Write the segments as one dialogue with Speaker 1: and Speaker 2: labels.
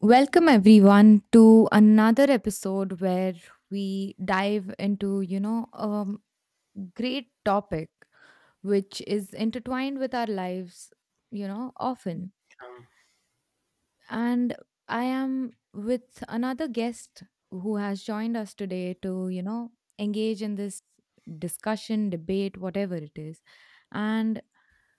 Speaker 1: Welcome everyone to another episode where we dive into, a great topic which is intertwined with our lives, often
Speaker 2: Um,
Speaker 1: and I am with another guest who has joined us today to, engage in this discussion, debate, whatever it is. And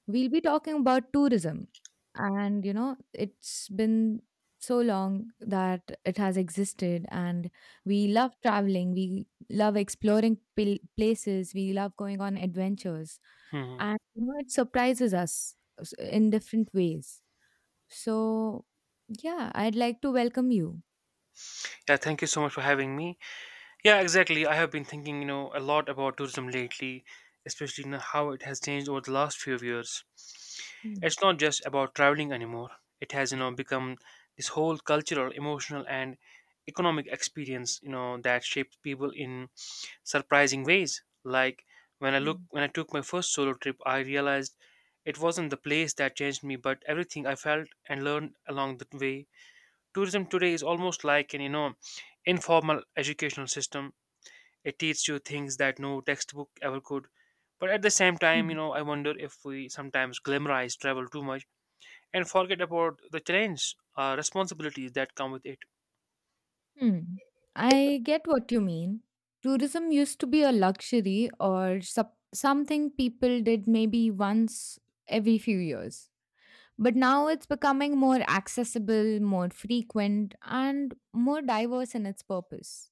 Speaker 1: we'll be talking about tourism. And, it's been so long that it has existed. And we love traveling, we love exploring places, we love going on adventures.
Speaker 2: mhm.
Speaker 1: And, it surprises us in different ways so, yeah, I'd like to welcome you.
Speaker 2: Yeah, thank you so much for having me. Yeah, exactly. I have been thinking, a lot about tourism lately, especially how it has changed over the last few years.
Speaker 1: Hmm.
Speaker 2: It's not just about traveling anymore. It has, become this whole cultural, emotional, and economic experience, that shapes people in surprising ways. Like
Speaker 1: Hmm.
Speaker 2: when I took my first solo trip, I realized it wasn't the place that changed me, but everything I felt and learned along the way. Tourism today is almost like an informal educational system. It teaches you things that no textbook ever could, but at the same time,
Speaker 1: Hmm.
Speaker 2: I wonder if we sometimes glamorize travel too much and forget about the challenges, responsibilities that come with it.
Speaker 1: Hmm. I get what you mean. Tourism used to be a luxury or something people did maybe once every few years. But now it's becoming more accessible, more frequent, and more diverse in its purpose.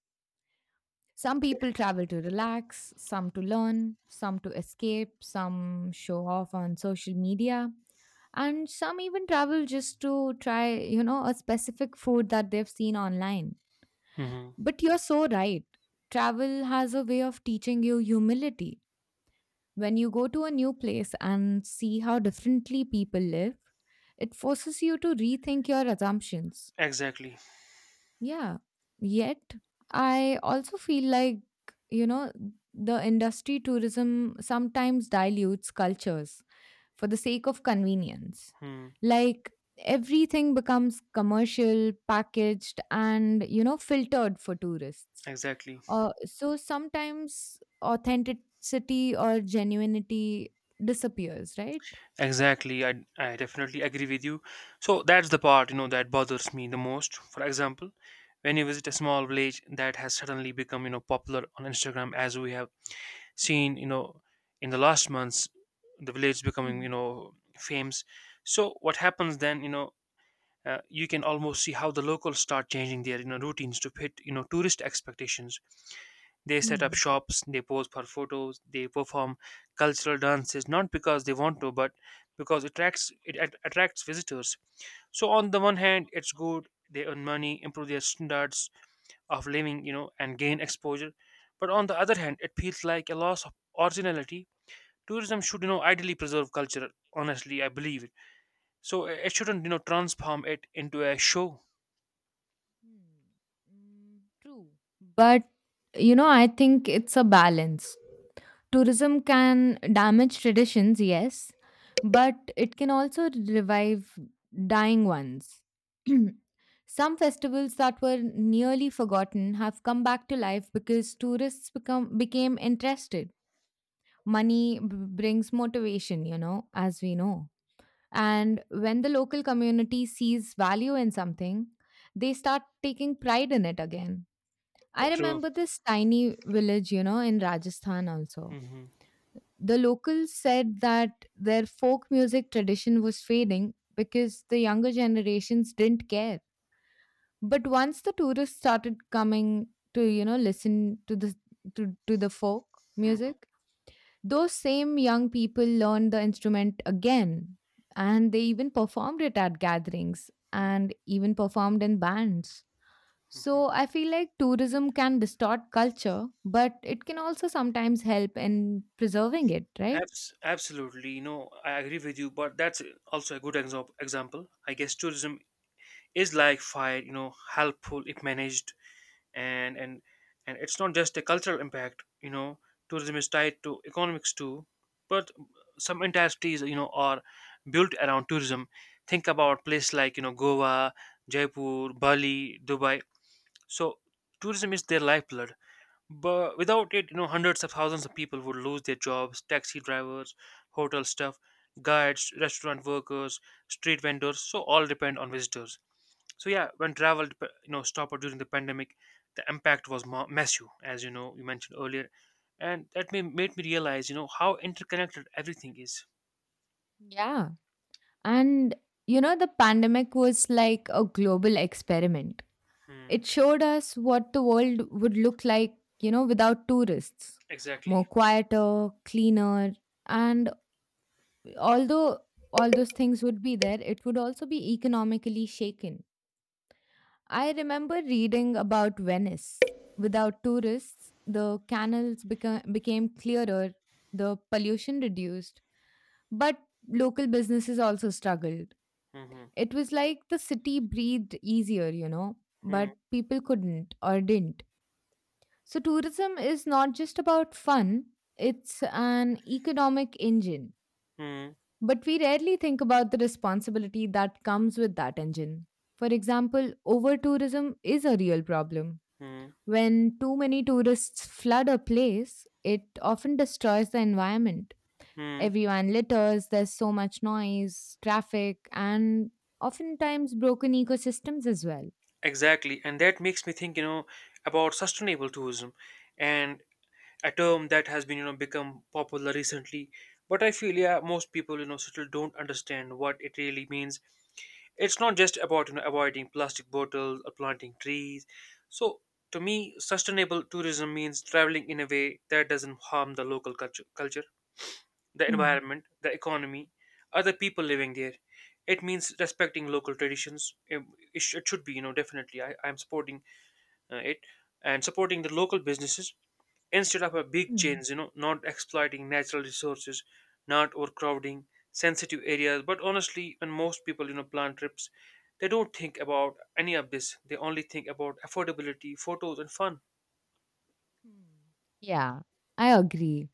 Speaker 1: Some people travel to relax, some to learn, some to escape, some show off on social media. And some even travel just to try, a specific food that they've seen online.
Speaker 2: Hmm.
Speaker 1: But you're so right. Travel has a way of teaching you humility. When you go to a new place and see how differently people live, it forces you to rethink your assumptions.
Speaker 2: Exactly.
Speaker 1: Yeah. Yet, I also feel like, you know, the industry tourism sometimes dilutes cultures for the sake of convenience.
Speaker 2: Hmm.
Speaker 1: Like everything becomes commercial, packaged, and filtered for tourists.
Speaker 2: Exactly.
Speaker 1: So sometimes authenticity or genuinity disappears, right?
Speaker 2: Exactly, I definitely agree with you. So that's the part that bothers me the most. For example, when you visit a small village that has suddenly become popular on Instagram, as we have seen, in the last months, the village becoming
Speaker 1: Hmm.
Speaker 2: famous. So what happens then? You know You can almost see how the locals start changing their routines to fit tourist expectations. They set up
Speaker 1: Hmm.
Speaker 2: shops, they pose for photos, they perform cultural dances, not because they want to, but because it attracts, attracts visitors. So on the one hand, it's good, they earn money, improve their standards of living, and gain exposure. But on the other hand, it feels like a loss of originality. Tourism should, ideally preserve culture. Honestly, I believe it. So it shouldn't, transform it into a show.
Speaker 1: Hmm. Mm, true. But, I think it's a balance. Tourism can damage traditions, yes, but it can also revive dying ones. Some festivals that were nearly forgotten have come back to life because tourists become became interested. Money brings motivation, as we know. And when the local community sees value in something, they start taking pride in it again. I
Speaker 2: True.
Speaker 1: remember this tiny village, in Rajasthan also.
Speaker 2: Hmm.
Speaker 1: The locals said that their folk music tradition was fading because the younger generations didn't care. But once the tourists started coming to, listen to the to, the folk music, those same young people learned the instrument again, and they even performed it at gatherings
Speaker 2: Hmm.
Speaker 1: and even performed in bands.
Speaker 2: Hmm.
Speaker 1: So I feel like tourism can distort culture, but it can also sometimes help in preserving it, right?
Speaker 2: Absolutely, I agree with you. But that's also a good example, I guess, tourism is like fire. You know, helpful if managed, and and and it's not just a cultural impact. Tourism is tied to economics too, but some entire cities, are built around tourism. Think about places like, Goa, Jaipur, Bali, Dubai. So tourism is their lifeblood. But without it, hundreds of thousands of people would lose their jobs: taxi drivers, hotel staff, guides, restaurant workers, street vendors. So all depend on visitors. So yeah, when travel stopped during the pandemic, the impact was massive, as you mentioned earlier, and that made me realize how interconnected everything is.
Speaker 1: Yeah. And you know, the pandemic was like a global experiment.
Speaker 2: Hmm.
Speaker 1: It showed us what the world would look like, without tourists.
Speaker 2: Exactly.
Speaker 1: More quieter, cleaner, and although all those things would be there, it would also be economically shaken. I remember reading about Venice. Without tourists, the canals became clearer, the pollution reduced, but local businesses also struggled.
Speaker 2: Hmm.
Speaker 1: It was like the city breathed easier,
Speaker 2: Hmm.
Speaker 1: but people couldn't or didn't. So, tourism is not just about fun, it's an economic engine.
Speaker 2: Hmm.
Speaker 1: But we rarely think about the responsibility that comes with that engine. For example, over tourism is a real problem.
Speaker 2: Hmm.
Speaker 1: When too many tourists flood a place, it often destroys the environment.
Speaker 2: Hmm.
Speaker 1: Everyone litters, there's so much noise, traffic, and oftentimes broken ecosystems as well.
Speaker 2: Exactly, and that makes me think, about sustainable tourism, and a term that has been, you know, become popular recently. But I feel, yeah, most people, still don't understand what it really means. It's not just about, avoiding plastic bottles or planting trees. So, to me, sustainable tourism means traveling in a way that doesn't harm the local culture, the
Speaker 1: Hmm.
Speaker 2: environment, the economy, other people living there. It means respecting local traditions. It should be, definitely. I'm supporting it, and supporting the local businesses instead of a big
Speaker 1: Hmm.
Speaker 2: chains, not exploiting natural resources, not overcrowding sensitive areas. But honestly, when most people, plan trips, they don't think about any of this. They only think about affordability, photos, and fun.
Speaker 1: Hmm. Yeah, I agree.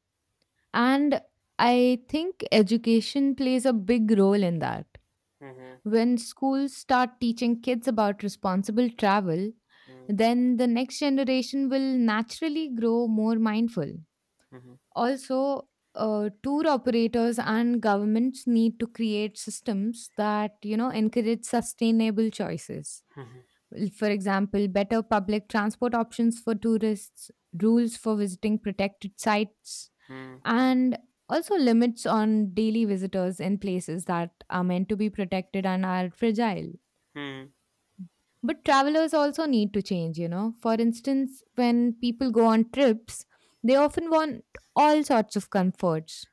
Speaker 1: And I think education plays a big role in that.
Speaker 2: Hmm.
Speaker 1: When schools start teaching kids about responsible travel,
Speaker 2: Hmm.
Speaker 1: then the next generation will naturally grow more mindful.
Speaker 2: Hmm.
Speaker 1: Also, tour operators and governments need to create systems that you know encourage sustainable choices. Well, for example, better public transport options for tourists, rules for visiting protected sites,
Speaker 2: Hmm.
Speaker 1: and also limits on daily visitors in places that are meant to be protected and are fragile.
Speaker 2: Hmm.
Speaker 1: But travelers also need to change, you know. For instance, when people go on trips, they often want all sorts of comforts,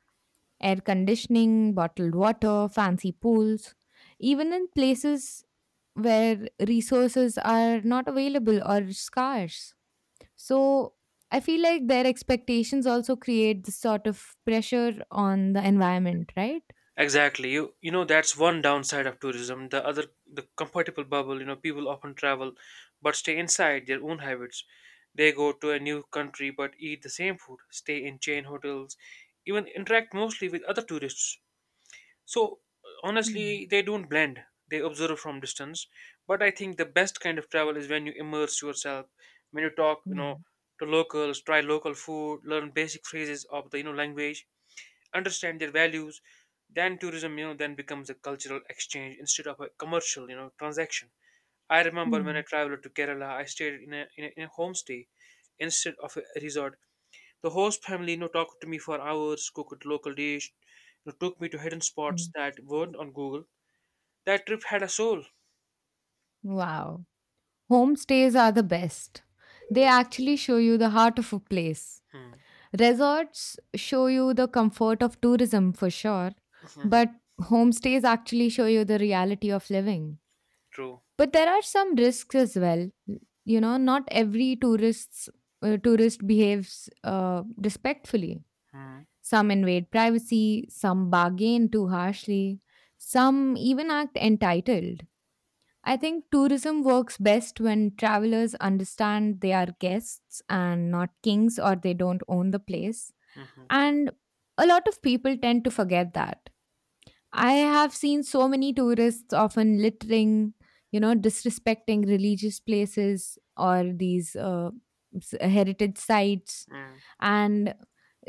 Speaker 1: air conditioning, bottled water, fancy pools, even in places where resources are not available or scarce. So I feel like their expectations also create this sort of pressure on the environment, right?
Speaker 2: Exactly. You know that's one downside of tourism. The other, the comfortable bubble, people often travel but stay inside their own habits. They go to a new country but eat the same food, stay in chain hotels, even interact mostly with other tourists. So
Speaker 1: Hmm.
Speaker 2: honestly, they don't blend. They observe from distance. But I think the best kind of travel is when you immerse yourself, when you talk,
Speaker 1: Yeah.
Speaker 2: to locals, try local food, learn basic phrases of the language, understand their values. Then tourism, then becomes a cultural exchange instead of a commercial, transaction. I remember when I
Speaker 1: Hmm.
Speaker 2: traveled to Kerala, I stayed in a homestay instead of a resort. The host family, talked to me for hours, cooked local dish, took me to hidden spots
Speaker 1: Hmm.
Speaker 2: that weren't on Google. That trip had a soul.
Speaker 1: Wow. Homestays are the best. They actually show you the heart of a place.
Speaker 2: Hmm.
Speaker 1: Resorts show you the comfort of tourism for sure,
Speaker 2: Hmm.
Speaker 1: but homestays actually show you the reality of living.
Speaker 2: True.
Speaker 1: But there are some risks as well. You know, not every tourist behaves respectfully.
Speaker 2: Hmm.
Speaker 1: Some invade privacy, some bargain too harshly, some even act entitled. I think tourism works best when travelers understand they are guests and not kings or they don't own the place.
Speaker 2: Hmm. Hmm.
Speaker 1: And a lot of people tend to forget that. I have seen so many tourists often littering, disrespecting religious places or these heritage sites.
Speaker 2: Hmm.
Speaker 1: And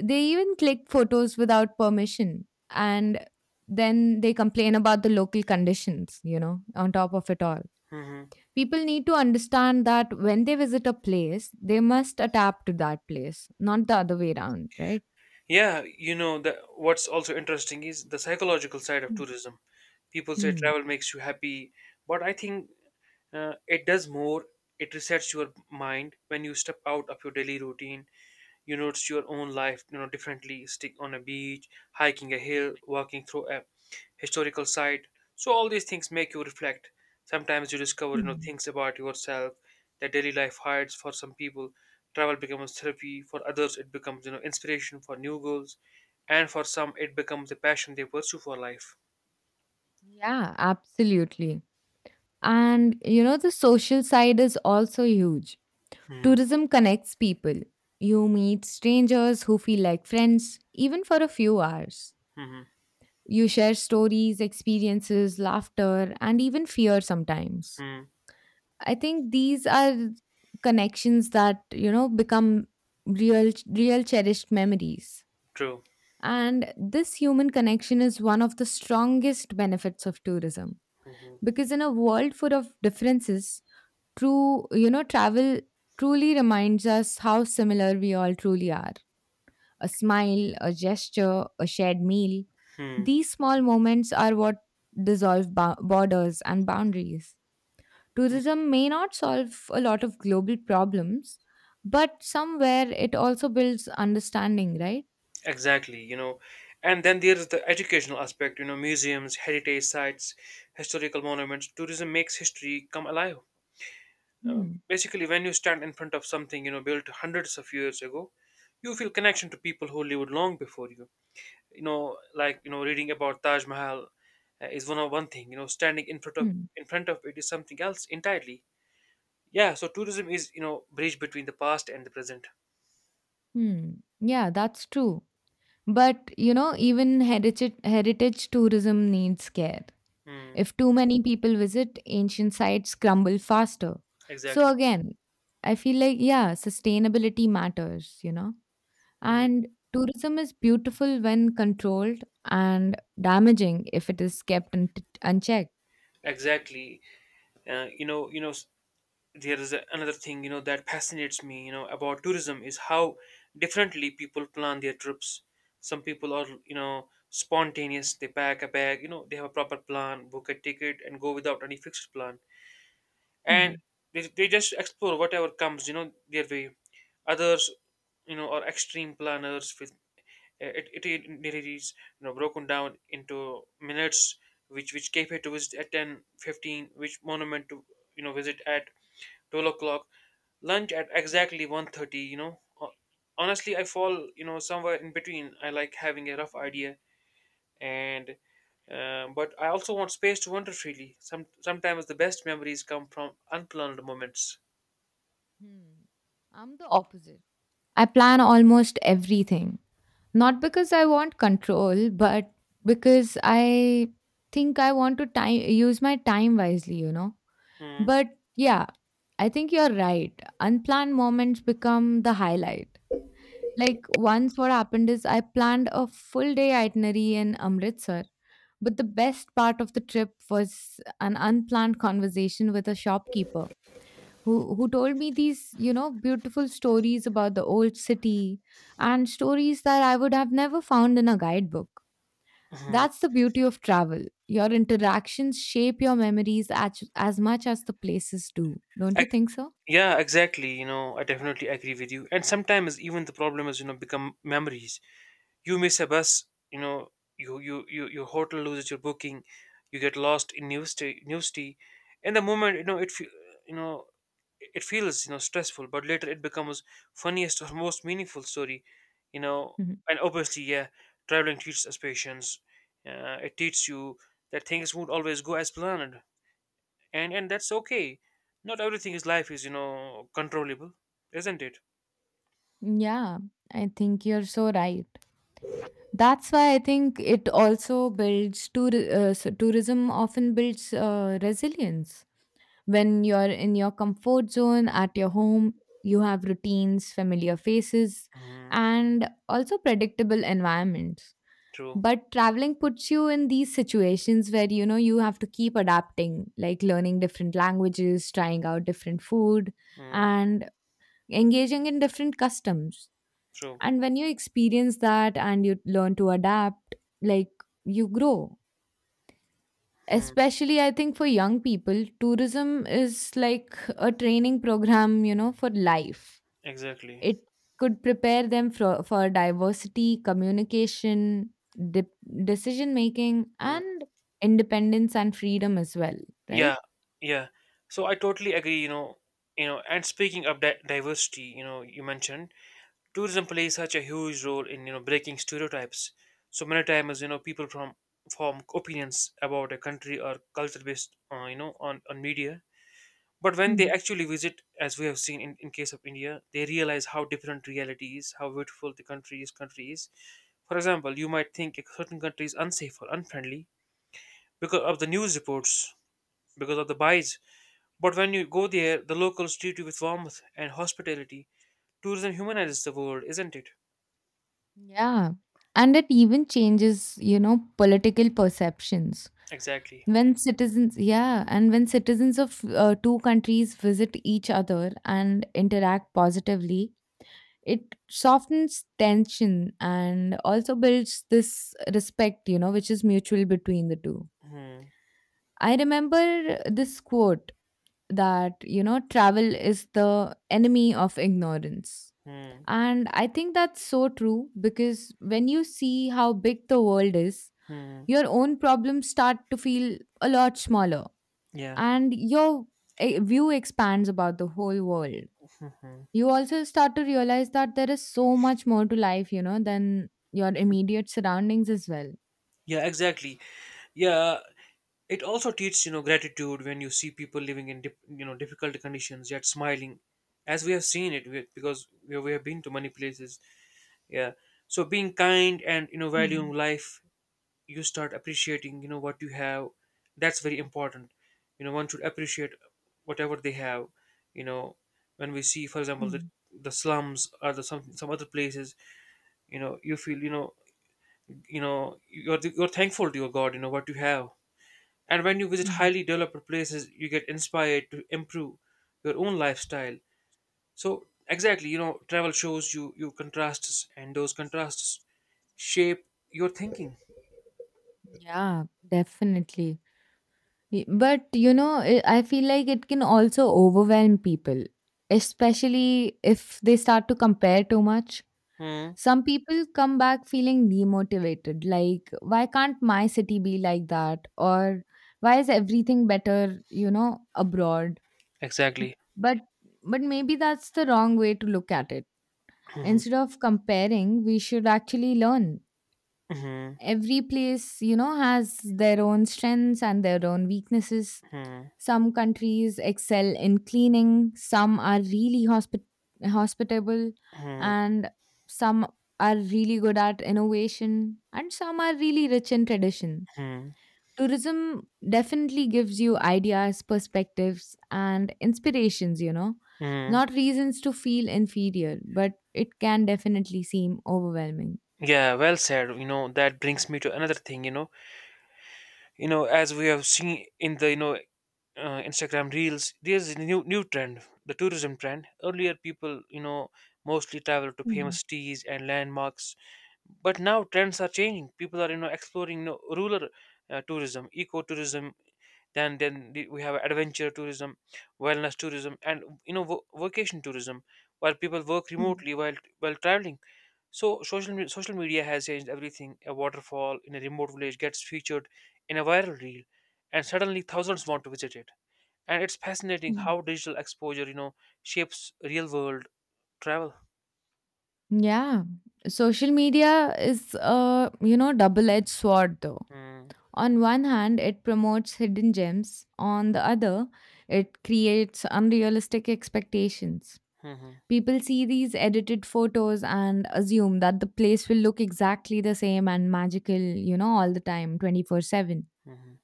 Speaker 1: they even click photos without permission. And then they complain about the local conditions, on top of it all.
Speaker 2: Hmm.
Speaker 1: People need to understand that when they visit a place, they must adapt to that place, not the other way around, right?
Speaker 2: Yeah, you know that. What's also interesting is the psychological side of
Speaker 1: Mm.
Speaker 2: tourism. People say
Speaker 1: Hmm.
Speaker 2: travel makes you happy, but I think, it does more. It resets your mind. When you step out of your daily routine, you notice your own life, differently. Stick on a beach, hiking a hill, walking through a historical site, so all these things make you reflect. Sometimes you discover,
Speaker 1: Mm.
Speaker 2: things about yourself that daily life hides. For some people, travel becomes therapy. For others, it becomes, inspiration for new goals. And for some, it becomes a passion they pursue for life.
Speaker 1: Yeah, absolutely. And you know, the social side is also huge.
Speaker 2: Hmm.
Speaker 1: Tourism connects people. You meet strangers who feel like friends, even for a few hours.
Speaker 2: Hmm.
Speaker 1: You share stories, experiences, laughter, and even fear sometimes.
Speaker 2: Hmm.
Speaker 1: I think these are connections that, become real cherished memories.
Speaker 2: True.
Speaker 1: And this human connection is one of the strongest benefits of tourism
Speaker 2: Hmm.
Speaker 1: because in a world full of differences, true, travel truly reminds us how similar we all truly are. A smile, a gesture, a shared meal.
Speaker 2: Hmm.
Speaker 1: These small moments are what dissolve borders and boundaries. Tourism may not solve a lot of global problems, but somewhere it also builds understanding, right?
Speaker 2: Exactly, and then there is the educational aspect, museums, heritage sites, historical monuments. Tourism makes history come alive.
Speaker 1: Hmm.
Speaker 2: Basically, when you stand in front of something, built hundreds of years ago, you feel connection to people who lived long before you. You know, like, reading about Taj Mahal is one thing. You know, standing in front of
Speaker 1: Hmm.
Speaker 2: in front of it is something else entirely. Yeah, so tourism is, bridge between the past and the present.
Speaker 1: Hmm. Yeah, that's true. But you know, even heritage tourism needs care.
Speaker 2: Hmm,
Speaker 1: If too many people visit, ancient sites crumble faster. So
Speaker 2: exactly.
Speaker 1: again, I feel like yeah, sustainability matters, you know.
Speaker 2: Hmm.
Speaker 1: And tourism is beautiful when controlled and damaging if it is unchecked.
Speaker 2: Exactly. Uh, you know, you know. There is another thing, that fascinates me, about tourism is how differently people plan their trips. Some people are, spontaneous. They pack a bag, they have a proper plan, book a ticket, and go without any fixed plan. And
Speaker 1: Hmm.
Speaker 2: they just explore whatever comes, their way. Others, are extreme planners. It really is, broken down into minutes: which cafe to visit at 10:15, which monument to, visit at 12 o'clock, lunch at exactly 1:30. Honestly, I fall, somewhere in between. I like having a rough idea, and but I also want space to wander freely. Sometimes the best memories come from unplanned moments.
Speaker 1: Hmm. I'm the opposite. I plan almost everything. Not because I want control, but because I think I want to time use my time wisely, you know.
Speaker 2: Hmm.
Speaker 1: But yeah, I think you're right. Unplanned moments become the highlight. Like once what happened is I planned a full day itinerary in Amritsar, but the best part of the trip was an unplanned conversation with a shopkeeper who told me these you know beautiful stories about the old city and stories that I would have never found in a guidebook.
Speaker 2: Hmm.
Speaker 1: That's the beauty of travel. Your interactions shape your memories as much as the places do. Don't you
Speaker 2: Ac-
Speaker 1: think so?
Speaker 2: yeah, exactly, I definitely agree with you. And sometimes even the problem is, become memories. You miss a bus. you know your hotel loses your booking. You get lost in new tea. In the moment, you know it feels, stressful, but later it becomes funniest or most meaningful story. you know
Speaker 1: Mhm.
Speaker 2: and obviously, yeah, traveling teaches us patience. It teaches you that things won't always go as planned, and that's okay. Not everything is life is, controllable, isn't it?
Speaker 1: Yeah, I think you're so right. That's why I think it also tourism often builds resilience. When you're in your comfort zone at your home, you have routines, familiar faces,
Speaker 2: Mm.
Speaker 1: and also predictable environments.
Speaker 2: True.
Speaker 1: But traveling puts you in these situations where you know you have to keep adapting, like learning different languages, trying out different food,
Speaker 2: Mm.
Speaker 1: and engaging in different customs.
Speaker 2: True.
Speaker 1: And when you experience that and you learn to adapt, like you grow,
Speaker 2: Mm.
Speaker 1: especially I think for young people tourism is like a training program you know for life.
Speaker 2: Exactly.
Speaker 1: It could prepare them for diversity communication, decision making
Speaker 2: Mm.
Speaker 1: and independence and freedom as well, right?
Speaker 2: Yeah, yeah. So I totally agree, and speaking of diversity, you mentioned tourism plays such a huge role in, breaking stereotypes. So many times, people from form opinions about a country or culture based, on, media. But when they
Speaker 1: Hmm.
Speaker 2: actually visit, as we have seen in case of India, they realize how different reality is, how beautiful the country is. For example, you might think a certain country is unsafe or unfriendly because of the news reports, because of the bias, but when you go there, the locals treat you with warmth and hospitality. Tourism humanizes the world, isn't it?
Speaker 1: Yeah, and it even changes you know political perceptions
Speaker 2: Exactly.
Speaker 1: when citizens of two countries visit each other and interact positively. It softens tension and also builds this respect, you know, which is mutual between the two.
Speaker 2: Hmm.
Speaker 1: I remember this quote that, you know, travel is the enemy of ignorance.
Speaker 2: Hmm.
Speaker 1: And I think that's so true because when you see how big the world is,
Speaker 2: Hmm.
Speaker 1: your own problems start to feel a lot smaller
Speaker 2: Yeah.
Speaker 1: and your view expands about the whole world. You also start to realize that there is so much more to life, you know, than your immediate surroundings as well.
Speaker 2: Yeah. Exactly. Yeah. It also teaches, gratitude when you see people living in dip, you know difficult conditions yet smiling, as we have seen it, we have been to many places. Yeah. So being kind and, valuing
Speaker 1: Mm.
Speaker 2: life, you start appreciating, what you have. That's very important. One should appreciate whatever they have. you know when we see, for example, the
Speaker 1: Mm.
Speaker 2: the slums or the, some other places, you feel, you're thankful to your god, what you have. And when you visit
Speaker 1: Mm.
Speaker 2: highly developed places, you get inspired to improve your own lifestyle. So exactly, travel shows you contrasts, and those contrasts shape your thinking.
Speaker 1: Yeah, definitely. But, you know, I feel like it can also overwhelm people, especially if they start to compare too much.
Speaker 2: Hmm.
Speaker 1: Some people come back feeling demotivated, like, why can't my city be like that? Or why is everything better, you know, abroad?
Speaker 2: Exactly.
Speaker 1: But but maybe that's the wrong way to look at it. Instead of comparing we should actually learn,
Speaker 2: Mhm.
Speaker 1: every place you know has their own strengths and their own weaknesses,
Speaker 2: Mhm.
Speaker 1: some countries excel in cleaning, some are really hospitable,
Speaker 2: Mhm.
Speaker 1: and some are really good at innovation and some are really rich in tradition.
Speaker 2: Mhm.
Speaker 1: Tourism definitely gives you ideas, perspectives, and inspirations, you know,
Speaker 2: Mhm.
Speaker 1: not reasons to feel inferior, but it can definitely seem overwhelming.
Speaker 2: Yeah, well said. That brings me to another thing. As we have seen in the Instagram reels, there's a new trend, the tourism trend. Earlier people, mostly travel to famous
Speaker 1: Mm.
Speaker 2: cities and landmarks, but now trends are changing. People are, exploring, rural tourism, ecotourism, then we have adventure tourism, wellness tourism, and vacation tourism where people work
Speaker 1: Mm.
Speaker 2: remotely while traveling. So social media has changed everything. A waterfall in a remote village gets featured in a viral reel, and suddenly thousands want to visit it. And it's fascinating how
Speaker 1: Mm.
Speaker 2: digital exposure, shapes real world travel.
Speaker 1: Yeah. Social media is a, you know, double edged sword though.
Speaker 2: Hmm.
Speaker 1: On one hand, it promotes hidden gems. On the other, it creates unrealistic expectations.
Speaker 2: Hmm.
Speaker 1: People see these edited photos and assume that the place will look exactly the same and magical, you know, all the time, 24/7.
Speaker 2: Hmm.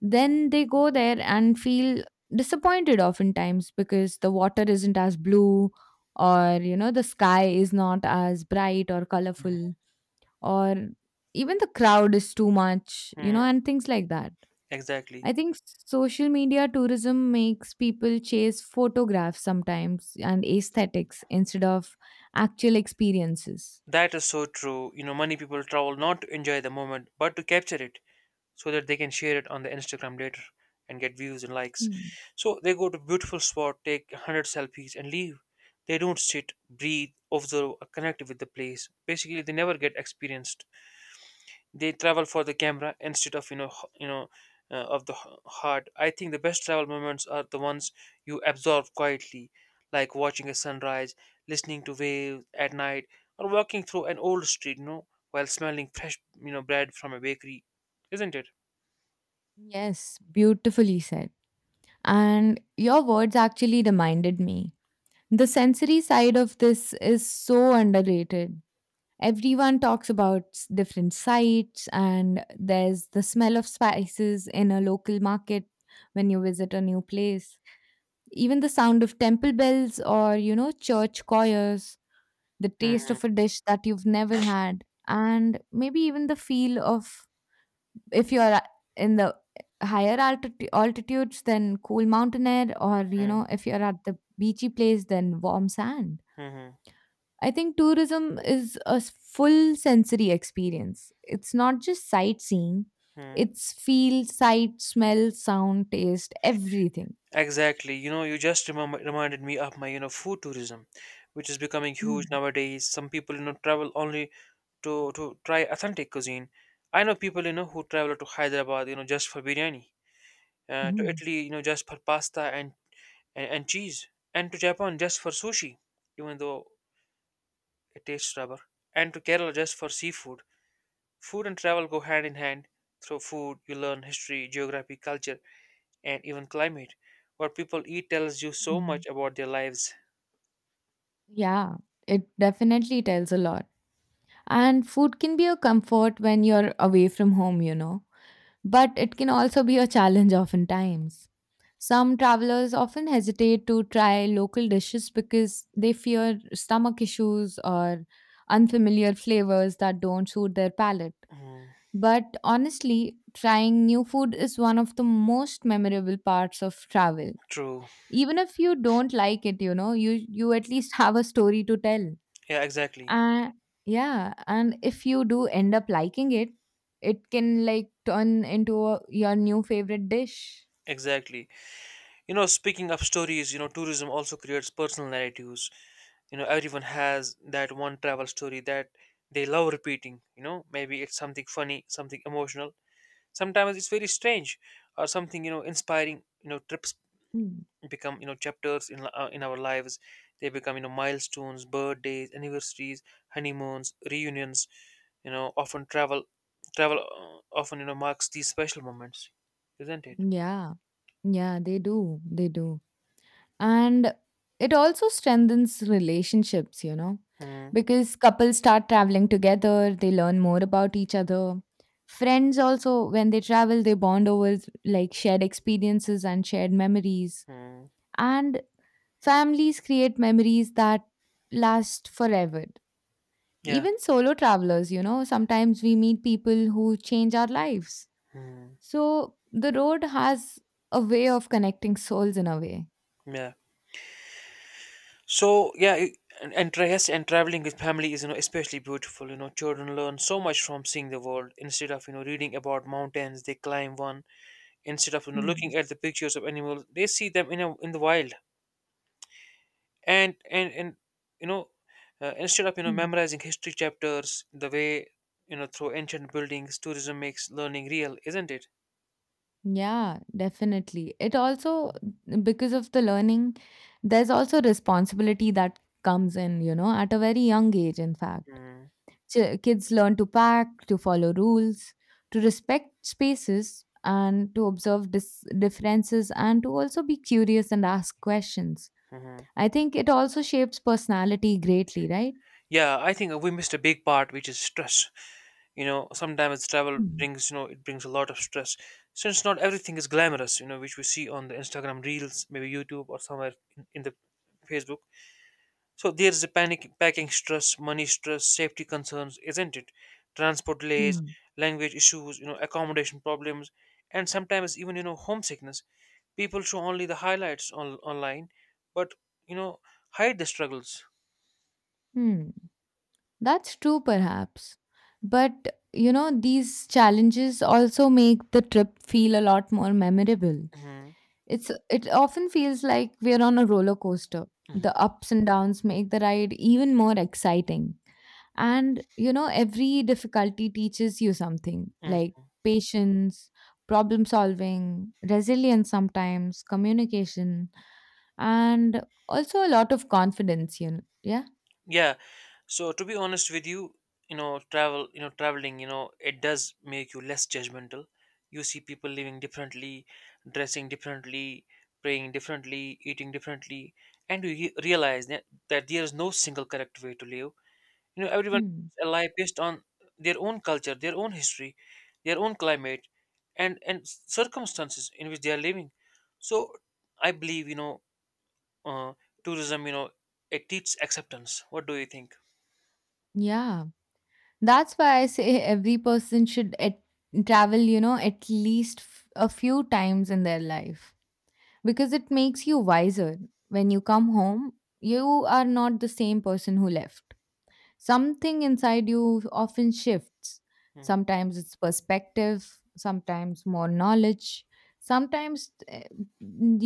Speaker 1: Then they go there and feel disappointed oftentimes because the water isn't as blue, or, you know, the sky is not as bright or colorful, or even the crowd is too much, you
Speaker 2: Hmm.
Speaker 1: know, and things like that.
Speaker 2: Exactly.
Speaker 1: I think social media tourism makes people chase photographs sometimes and aesthetics instead of actual experiences.
Speaker 2: That is so true. You know, many people travel not to enjoy the moment, but to capture it, so that they can share it on the Instagram later and get views and likes.
Speaker 1: Hmm.
Speaker 2: So they go to beautiful spot, take 100 selfies and leave. They don't sit, breathe, observe, or connect with the place. Basically, they never get experienced. They travel for the camera instead of of the heart. I think the best travel moments are the ones you absorb quietly, like watching a sunrise, listening to waves at night, or walking through an old street, while smelling fresh bread from a bakery, isn't it?
Speaker 1: Yes, beautifully said. And your words actually reminded me. The sensory side of this is so underrated. Everyone talks about different sites, and there's the smell of spices in a local market when you visit a new place. Even the sound of temple bells or, you know, church choirs, the taste
Speaker 2: Mhm.
Speaker 1: of a dish that you've never had, and maybe even the feel of if in the higher altitudes, then cool mountain air, or, you know, if you're at the beachy place, then warm sand.
Speaker 2: Mm-hmm.
Speaker 1: I think tourism is a full sensory experience. It's not just sightseeing,
Speaker 2: Hmm.
Speaker 1: it's feel, sight, smell, sound, taste, everything.
Speaker 2: Exactly. You know, you just reminded me of my, food tourism, which is becoming huge
Speaker 1: Mm,
Speaker 2: nowadays. Some people, travel only to try authentic cuisine. I know people, who travel to Hyderabad, just for biryani, to
Speaker 1: mm,
Speaker 2: Italy, just for pasta, and cheese, and to Japan just for sushi, even though it tastes rubber, and to Kerala just for seafood. Food and travel go hand in hand. Through food, you learn history, geography, culture, and even climate. What people eat tells you so much
Speaker 1: mm.
Speaker 2: about their lives.
Speaker 1: Yeah, it definitely tells a lot. And food can be a comfort when you're away from home, you know, but it can also be a challenge oftentimes. Some travelers often hesitate to try local dishes because they fear stomach issues or unfamiliar flavors that don't suit their palate.
Speaker 2: Mm,
Speaker 1: But honestly, trying new food is one of the most memorable parts of travel.
Speaker 2: true.
Speaker 1: Even if you don't like it, you know, you at least have a story to tell,
Speaker 2: Yeah, exactly.
Speaker 1: and yeah, and if you do end up liking it, it can like turn into a, your new favorite dish.
Speaker 2: Exactly. You know, speaking of stories, tourism also creates personal narratives. You know, everyone has that one travel story that they love repeating. You know, maybe it's something funny, something emotional. Sometimes it's very strange or something, inspiring. You know, trips
Speaker 1: Mm.
Speaker 2: become chapters in our lives. They become milestones, birthdays, anniversaries, honeymoons, reunions. You know, often travel often, marks these special moments, isn't it?
Speaker 1: Yeah, yeah, they do. And it also strengthens relationships, you know,
Speaker 2: Hmm.
Speaker 1: because couples start traveling together, they learn more about each other. Friends also, when they travel, they bond over like shared experiences and shared memories.
Speaker 2: Hmm.
Speaker 1: And families create memories that last forever.
Speaker 2: Yeah.
Speaker 1: Even solo travelers, you know, sometimes we meet people who change our lives.
Speaker 2: Hmm.
Speaker 1: So the road has a way of connecting souls in a way.
Speaker 2: Yeah. So yes, and traveling with family is, especially beautiful. You know, children learn so much from seeing the world. Instead of reading about mountains, they climb one. Instead of
Speaker 1: Hmm.
Speaker 2: looking at the pictures of animals, they see them in in the wild. And you know instead of
Speaker 1: Hmm.
Speaker 2: memorizing history chapters, the way, through ancient buildings, tourism makes learning real, isn't it?
Speaker 1: Yeah, definitely. It also, because of the learning, there's also responsibility that comes in, you know, at a very young age, in fact.
Speaker 2: Mm-hmm.
Speaker 1: Kids learn to pack, to follow rules, to respect spaces, and to observe differences, and to also be curious and ask questions. I think it also shapes personality greatly, right?
Speaker 2: Yeah, I think we missed a big part, which is stress. You know, sometimes travel
Speaker 1: Mm.
Speaker 2: brings, it brings a lot of stress, since not everything is glamorous, you know, which we see on the Instagram reels, maybe YouTube, or somewhere in the Facebook. So there's the panic, packing stress, money stress, safety concerns, isn't it? Transport delays,
Speaker 1: Hmm.
Speaker 2: language issues, accommodation problems, and sometimes even, homesickness. People show only the highlights online, but, you know hide the struggles.
Speaker 1: Hmm. That's true, perhaps. But, you know, these challenges also make the trip feel a lot more memorable.
Speaker 2: Hmm.
Speaker 1: It often feels like we're on a roller coaster. The ups and downs make the ride even more exciting. And, you know, every difficulty teaches you something like patience, problem solving, resilience sometimes, communication, and also a lot of confidence, you know. Yeah.
Speaker 2: Yeah. So to be honest with you, travel, traveling, it does make you less judgmental. You see people living differently, dressing differently, praying differently, eating differently, and you realize that there is no single correct way to live. You know, everyone
Speaker 1: Hmm.
Speaker 2: is alive based on their own culture, their own history, their own climate, and circumstances in which they are living. So I believe, uh, tourism, it teaches acceptance. What do you think?
Speaker 1: Yeah. That's why I say every person should travel, you know, at least a few times in their life, because it makes you wiser. When you come home, you are not the same person who left. Something inside you often shifts.
Speaker 2: Mhm.
Speaker 1: Sometimes it's perspective, sometimes more knowledge. Sometimes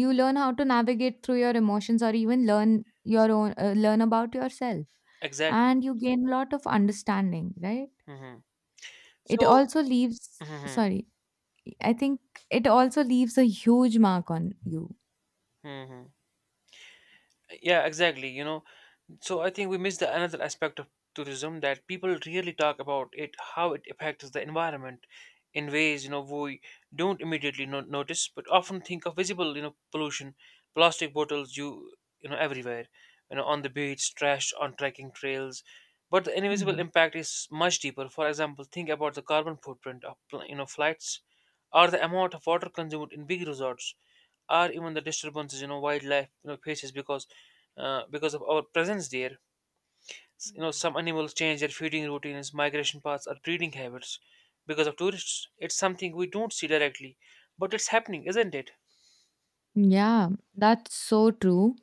Speaker 1: you learn how to navigate through your emotions or even learn your own learn about yourself,
Speaker 2: Exactly.
Speaker 1: and you gain a lot of understanding, right?
Speaker 2: Mhm.
Speaker 1: It
Speaker 2: So.
Speaker 1: also leaves,
Speaker 2: Mhm.
Speaker 1: sorry, I think it also leaves a huge mark on you.
Speaker 2: Mhm. Yeah, exactly. You know, so I think we miss the another aspect of tourism that people really talk about it, how it affects the environment in ways, we don't immediately notice, but often think of visible, pollution, plastic bottles you know everywhere, you know, on the beach, trash on trekking trails. But the invisible
Speaker 1: Hmm.
Speaker 2: impact is much deeper. For example, think about the carbon footprint of you know flights, or the amount of water consumed in big resorts, or even the disturbances, wildlife, faces because of our presence there. You know,
Speaker 1: Hmm.
Speaker 2: some animals change their feeding routines, migration paths, or breeding habits because of tourists. It's something we don't see directly, but it's happening, isn't it?
Speaker 1: Yeah, that's so true.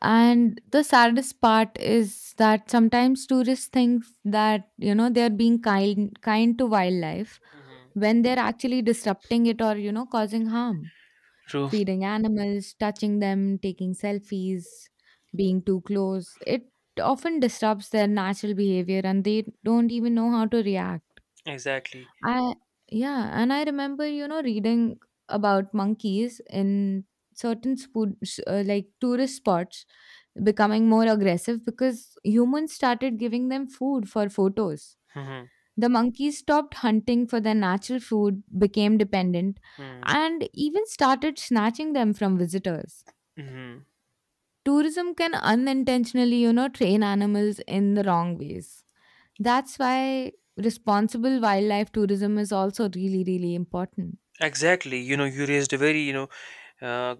Speaker 1: And the saddest part is that sometimes tourists think that, you know, they're being kind to wildlife
Speaker 2: Hmm.
Speaker 1: when they're actually disrupting it or, you know, causing harm.
Speaker 2: True.
Speaker 1: Feeding animals, touching them, taking selfies, being too close. It often disrupts their natural behavior and they don't even know how to react.
Speaker 2: Exactly.
Speaker 1: I, yeah, and I remember, you know, reading about monkeys in certain spoo- s like tourist spots becoming more aggressive because humans started giving them food for photos.
Speaker 2: Mm-hmm.
Speaker 1: The monkeys stopped hunting for their natural food, became dependent,
Speaker 2: Mm-hmm.
Speaker 1: and even started snatching them from visitors.
Speaker 2: Mm-hmm.
Speaker 1: Tourism can unintentionally, you know, train animals in the wrong ways. That's why responsible wildlife tourism is also really, really important.
Speaker 2: Exactly. You know, you raised a very, uh,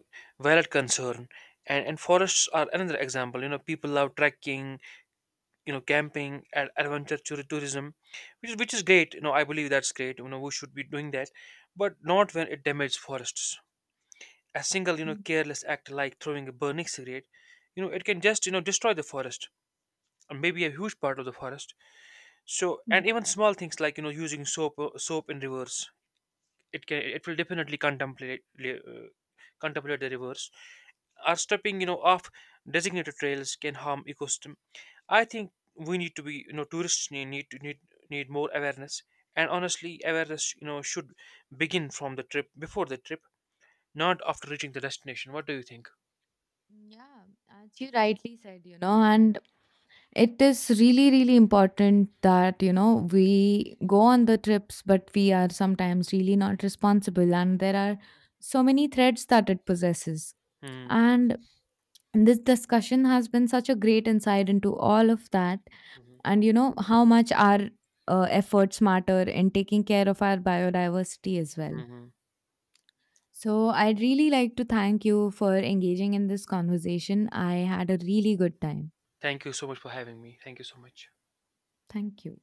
Speaker 2: valid concern. And forests are another example. You know, people love trekking, camping, and adventure tourism, which is great. You know, I believe that's great. You know, we should be doing that, but not when it damages forests. A single, careless act, like throwing a burning cigarette, it can just, destroy the forest, and maybe a huge part of the forest. So,
Speaker 1: Mm.
Speaker 2: and even small things, like, using soap, soap in reverse, it can, it will definitely contemplate, uh, contemplate the reverse, or stepping, off designated trails, can harm ecosystem. I think we need to be, you know, tourists need need more awareness, and honestly, awareness, should begin from the trip, before the trip, not after reaching the destination. What do you think?
Speaker 1: Yeah, as you rightly said, you know, and it is really, really important that, you know, we go on the trips, but we are sometimes really not responsible. And there are so many threads that it possesses.
Speaker 2: Hmm.
Speaker 1: And this discussion has been such a great insight into all of that.
Speaker 2: Hmm.
Speaker 1: And, you know, how much our efforts matter in taking care of our biodiversity as well.
Speaker 2: Hmm.
Speaker 1: So, I'd really like to thank you for engaging in this conversation. I had a really good time.
Speaker 2: Thank you so much for having me. Thank you so much.
Speaker 1: Thank you.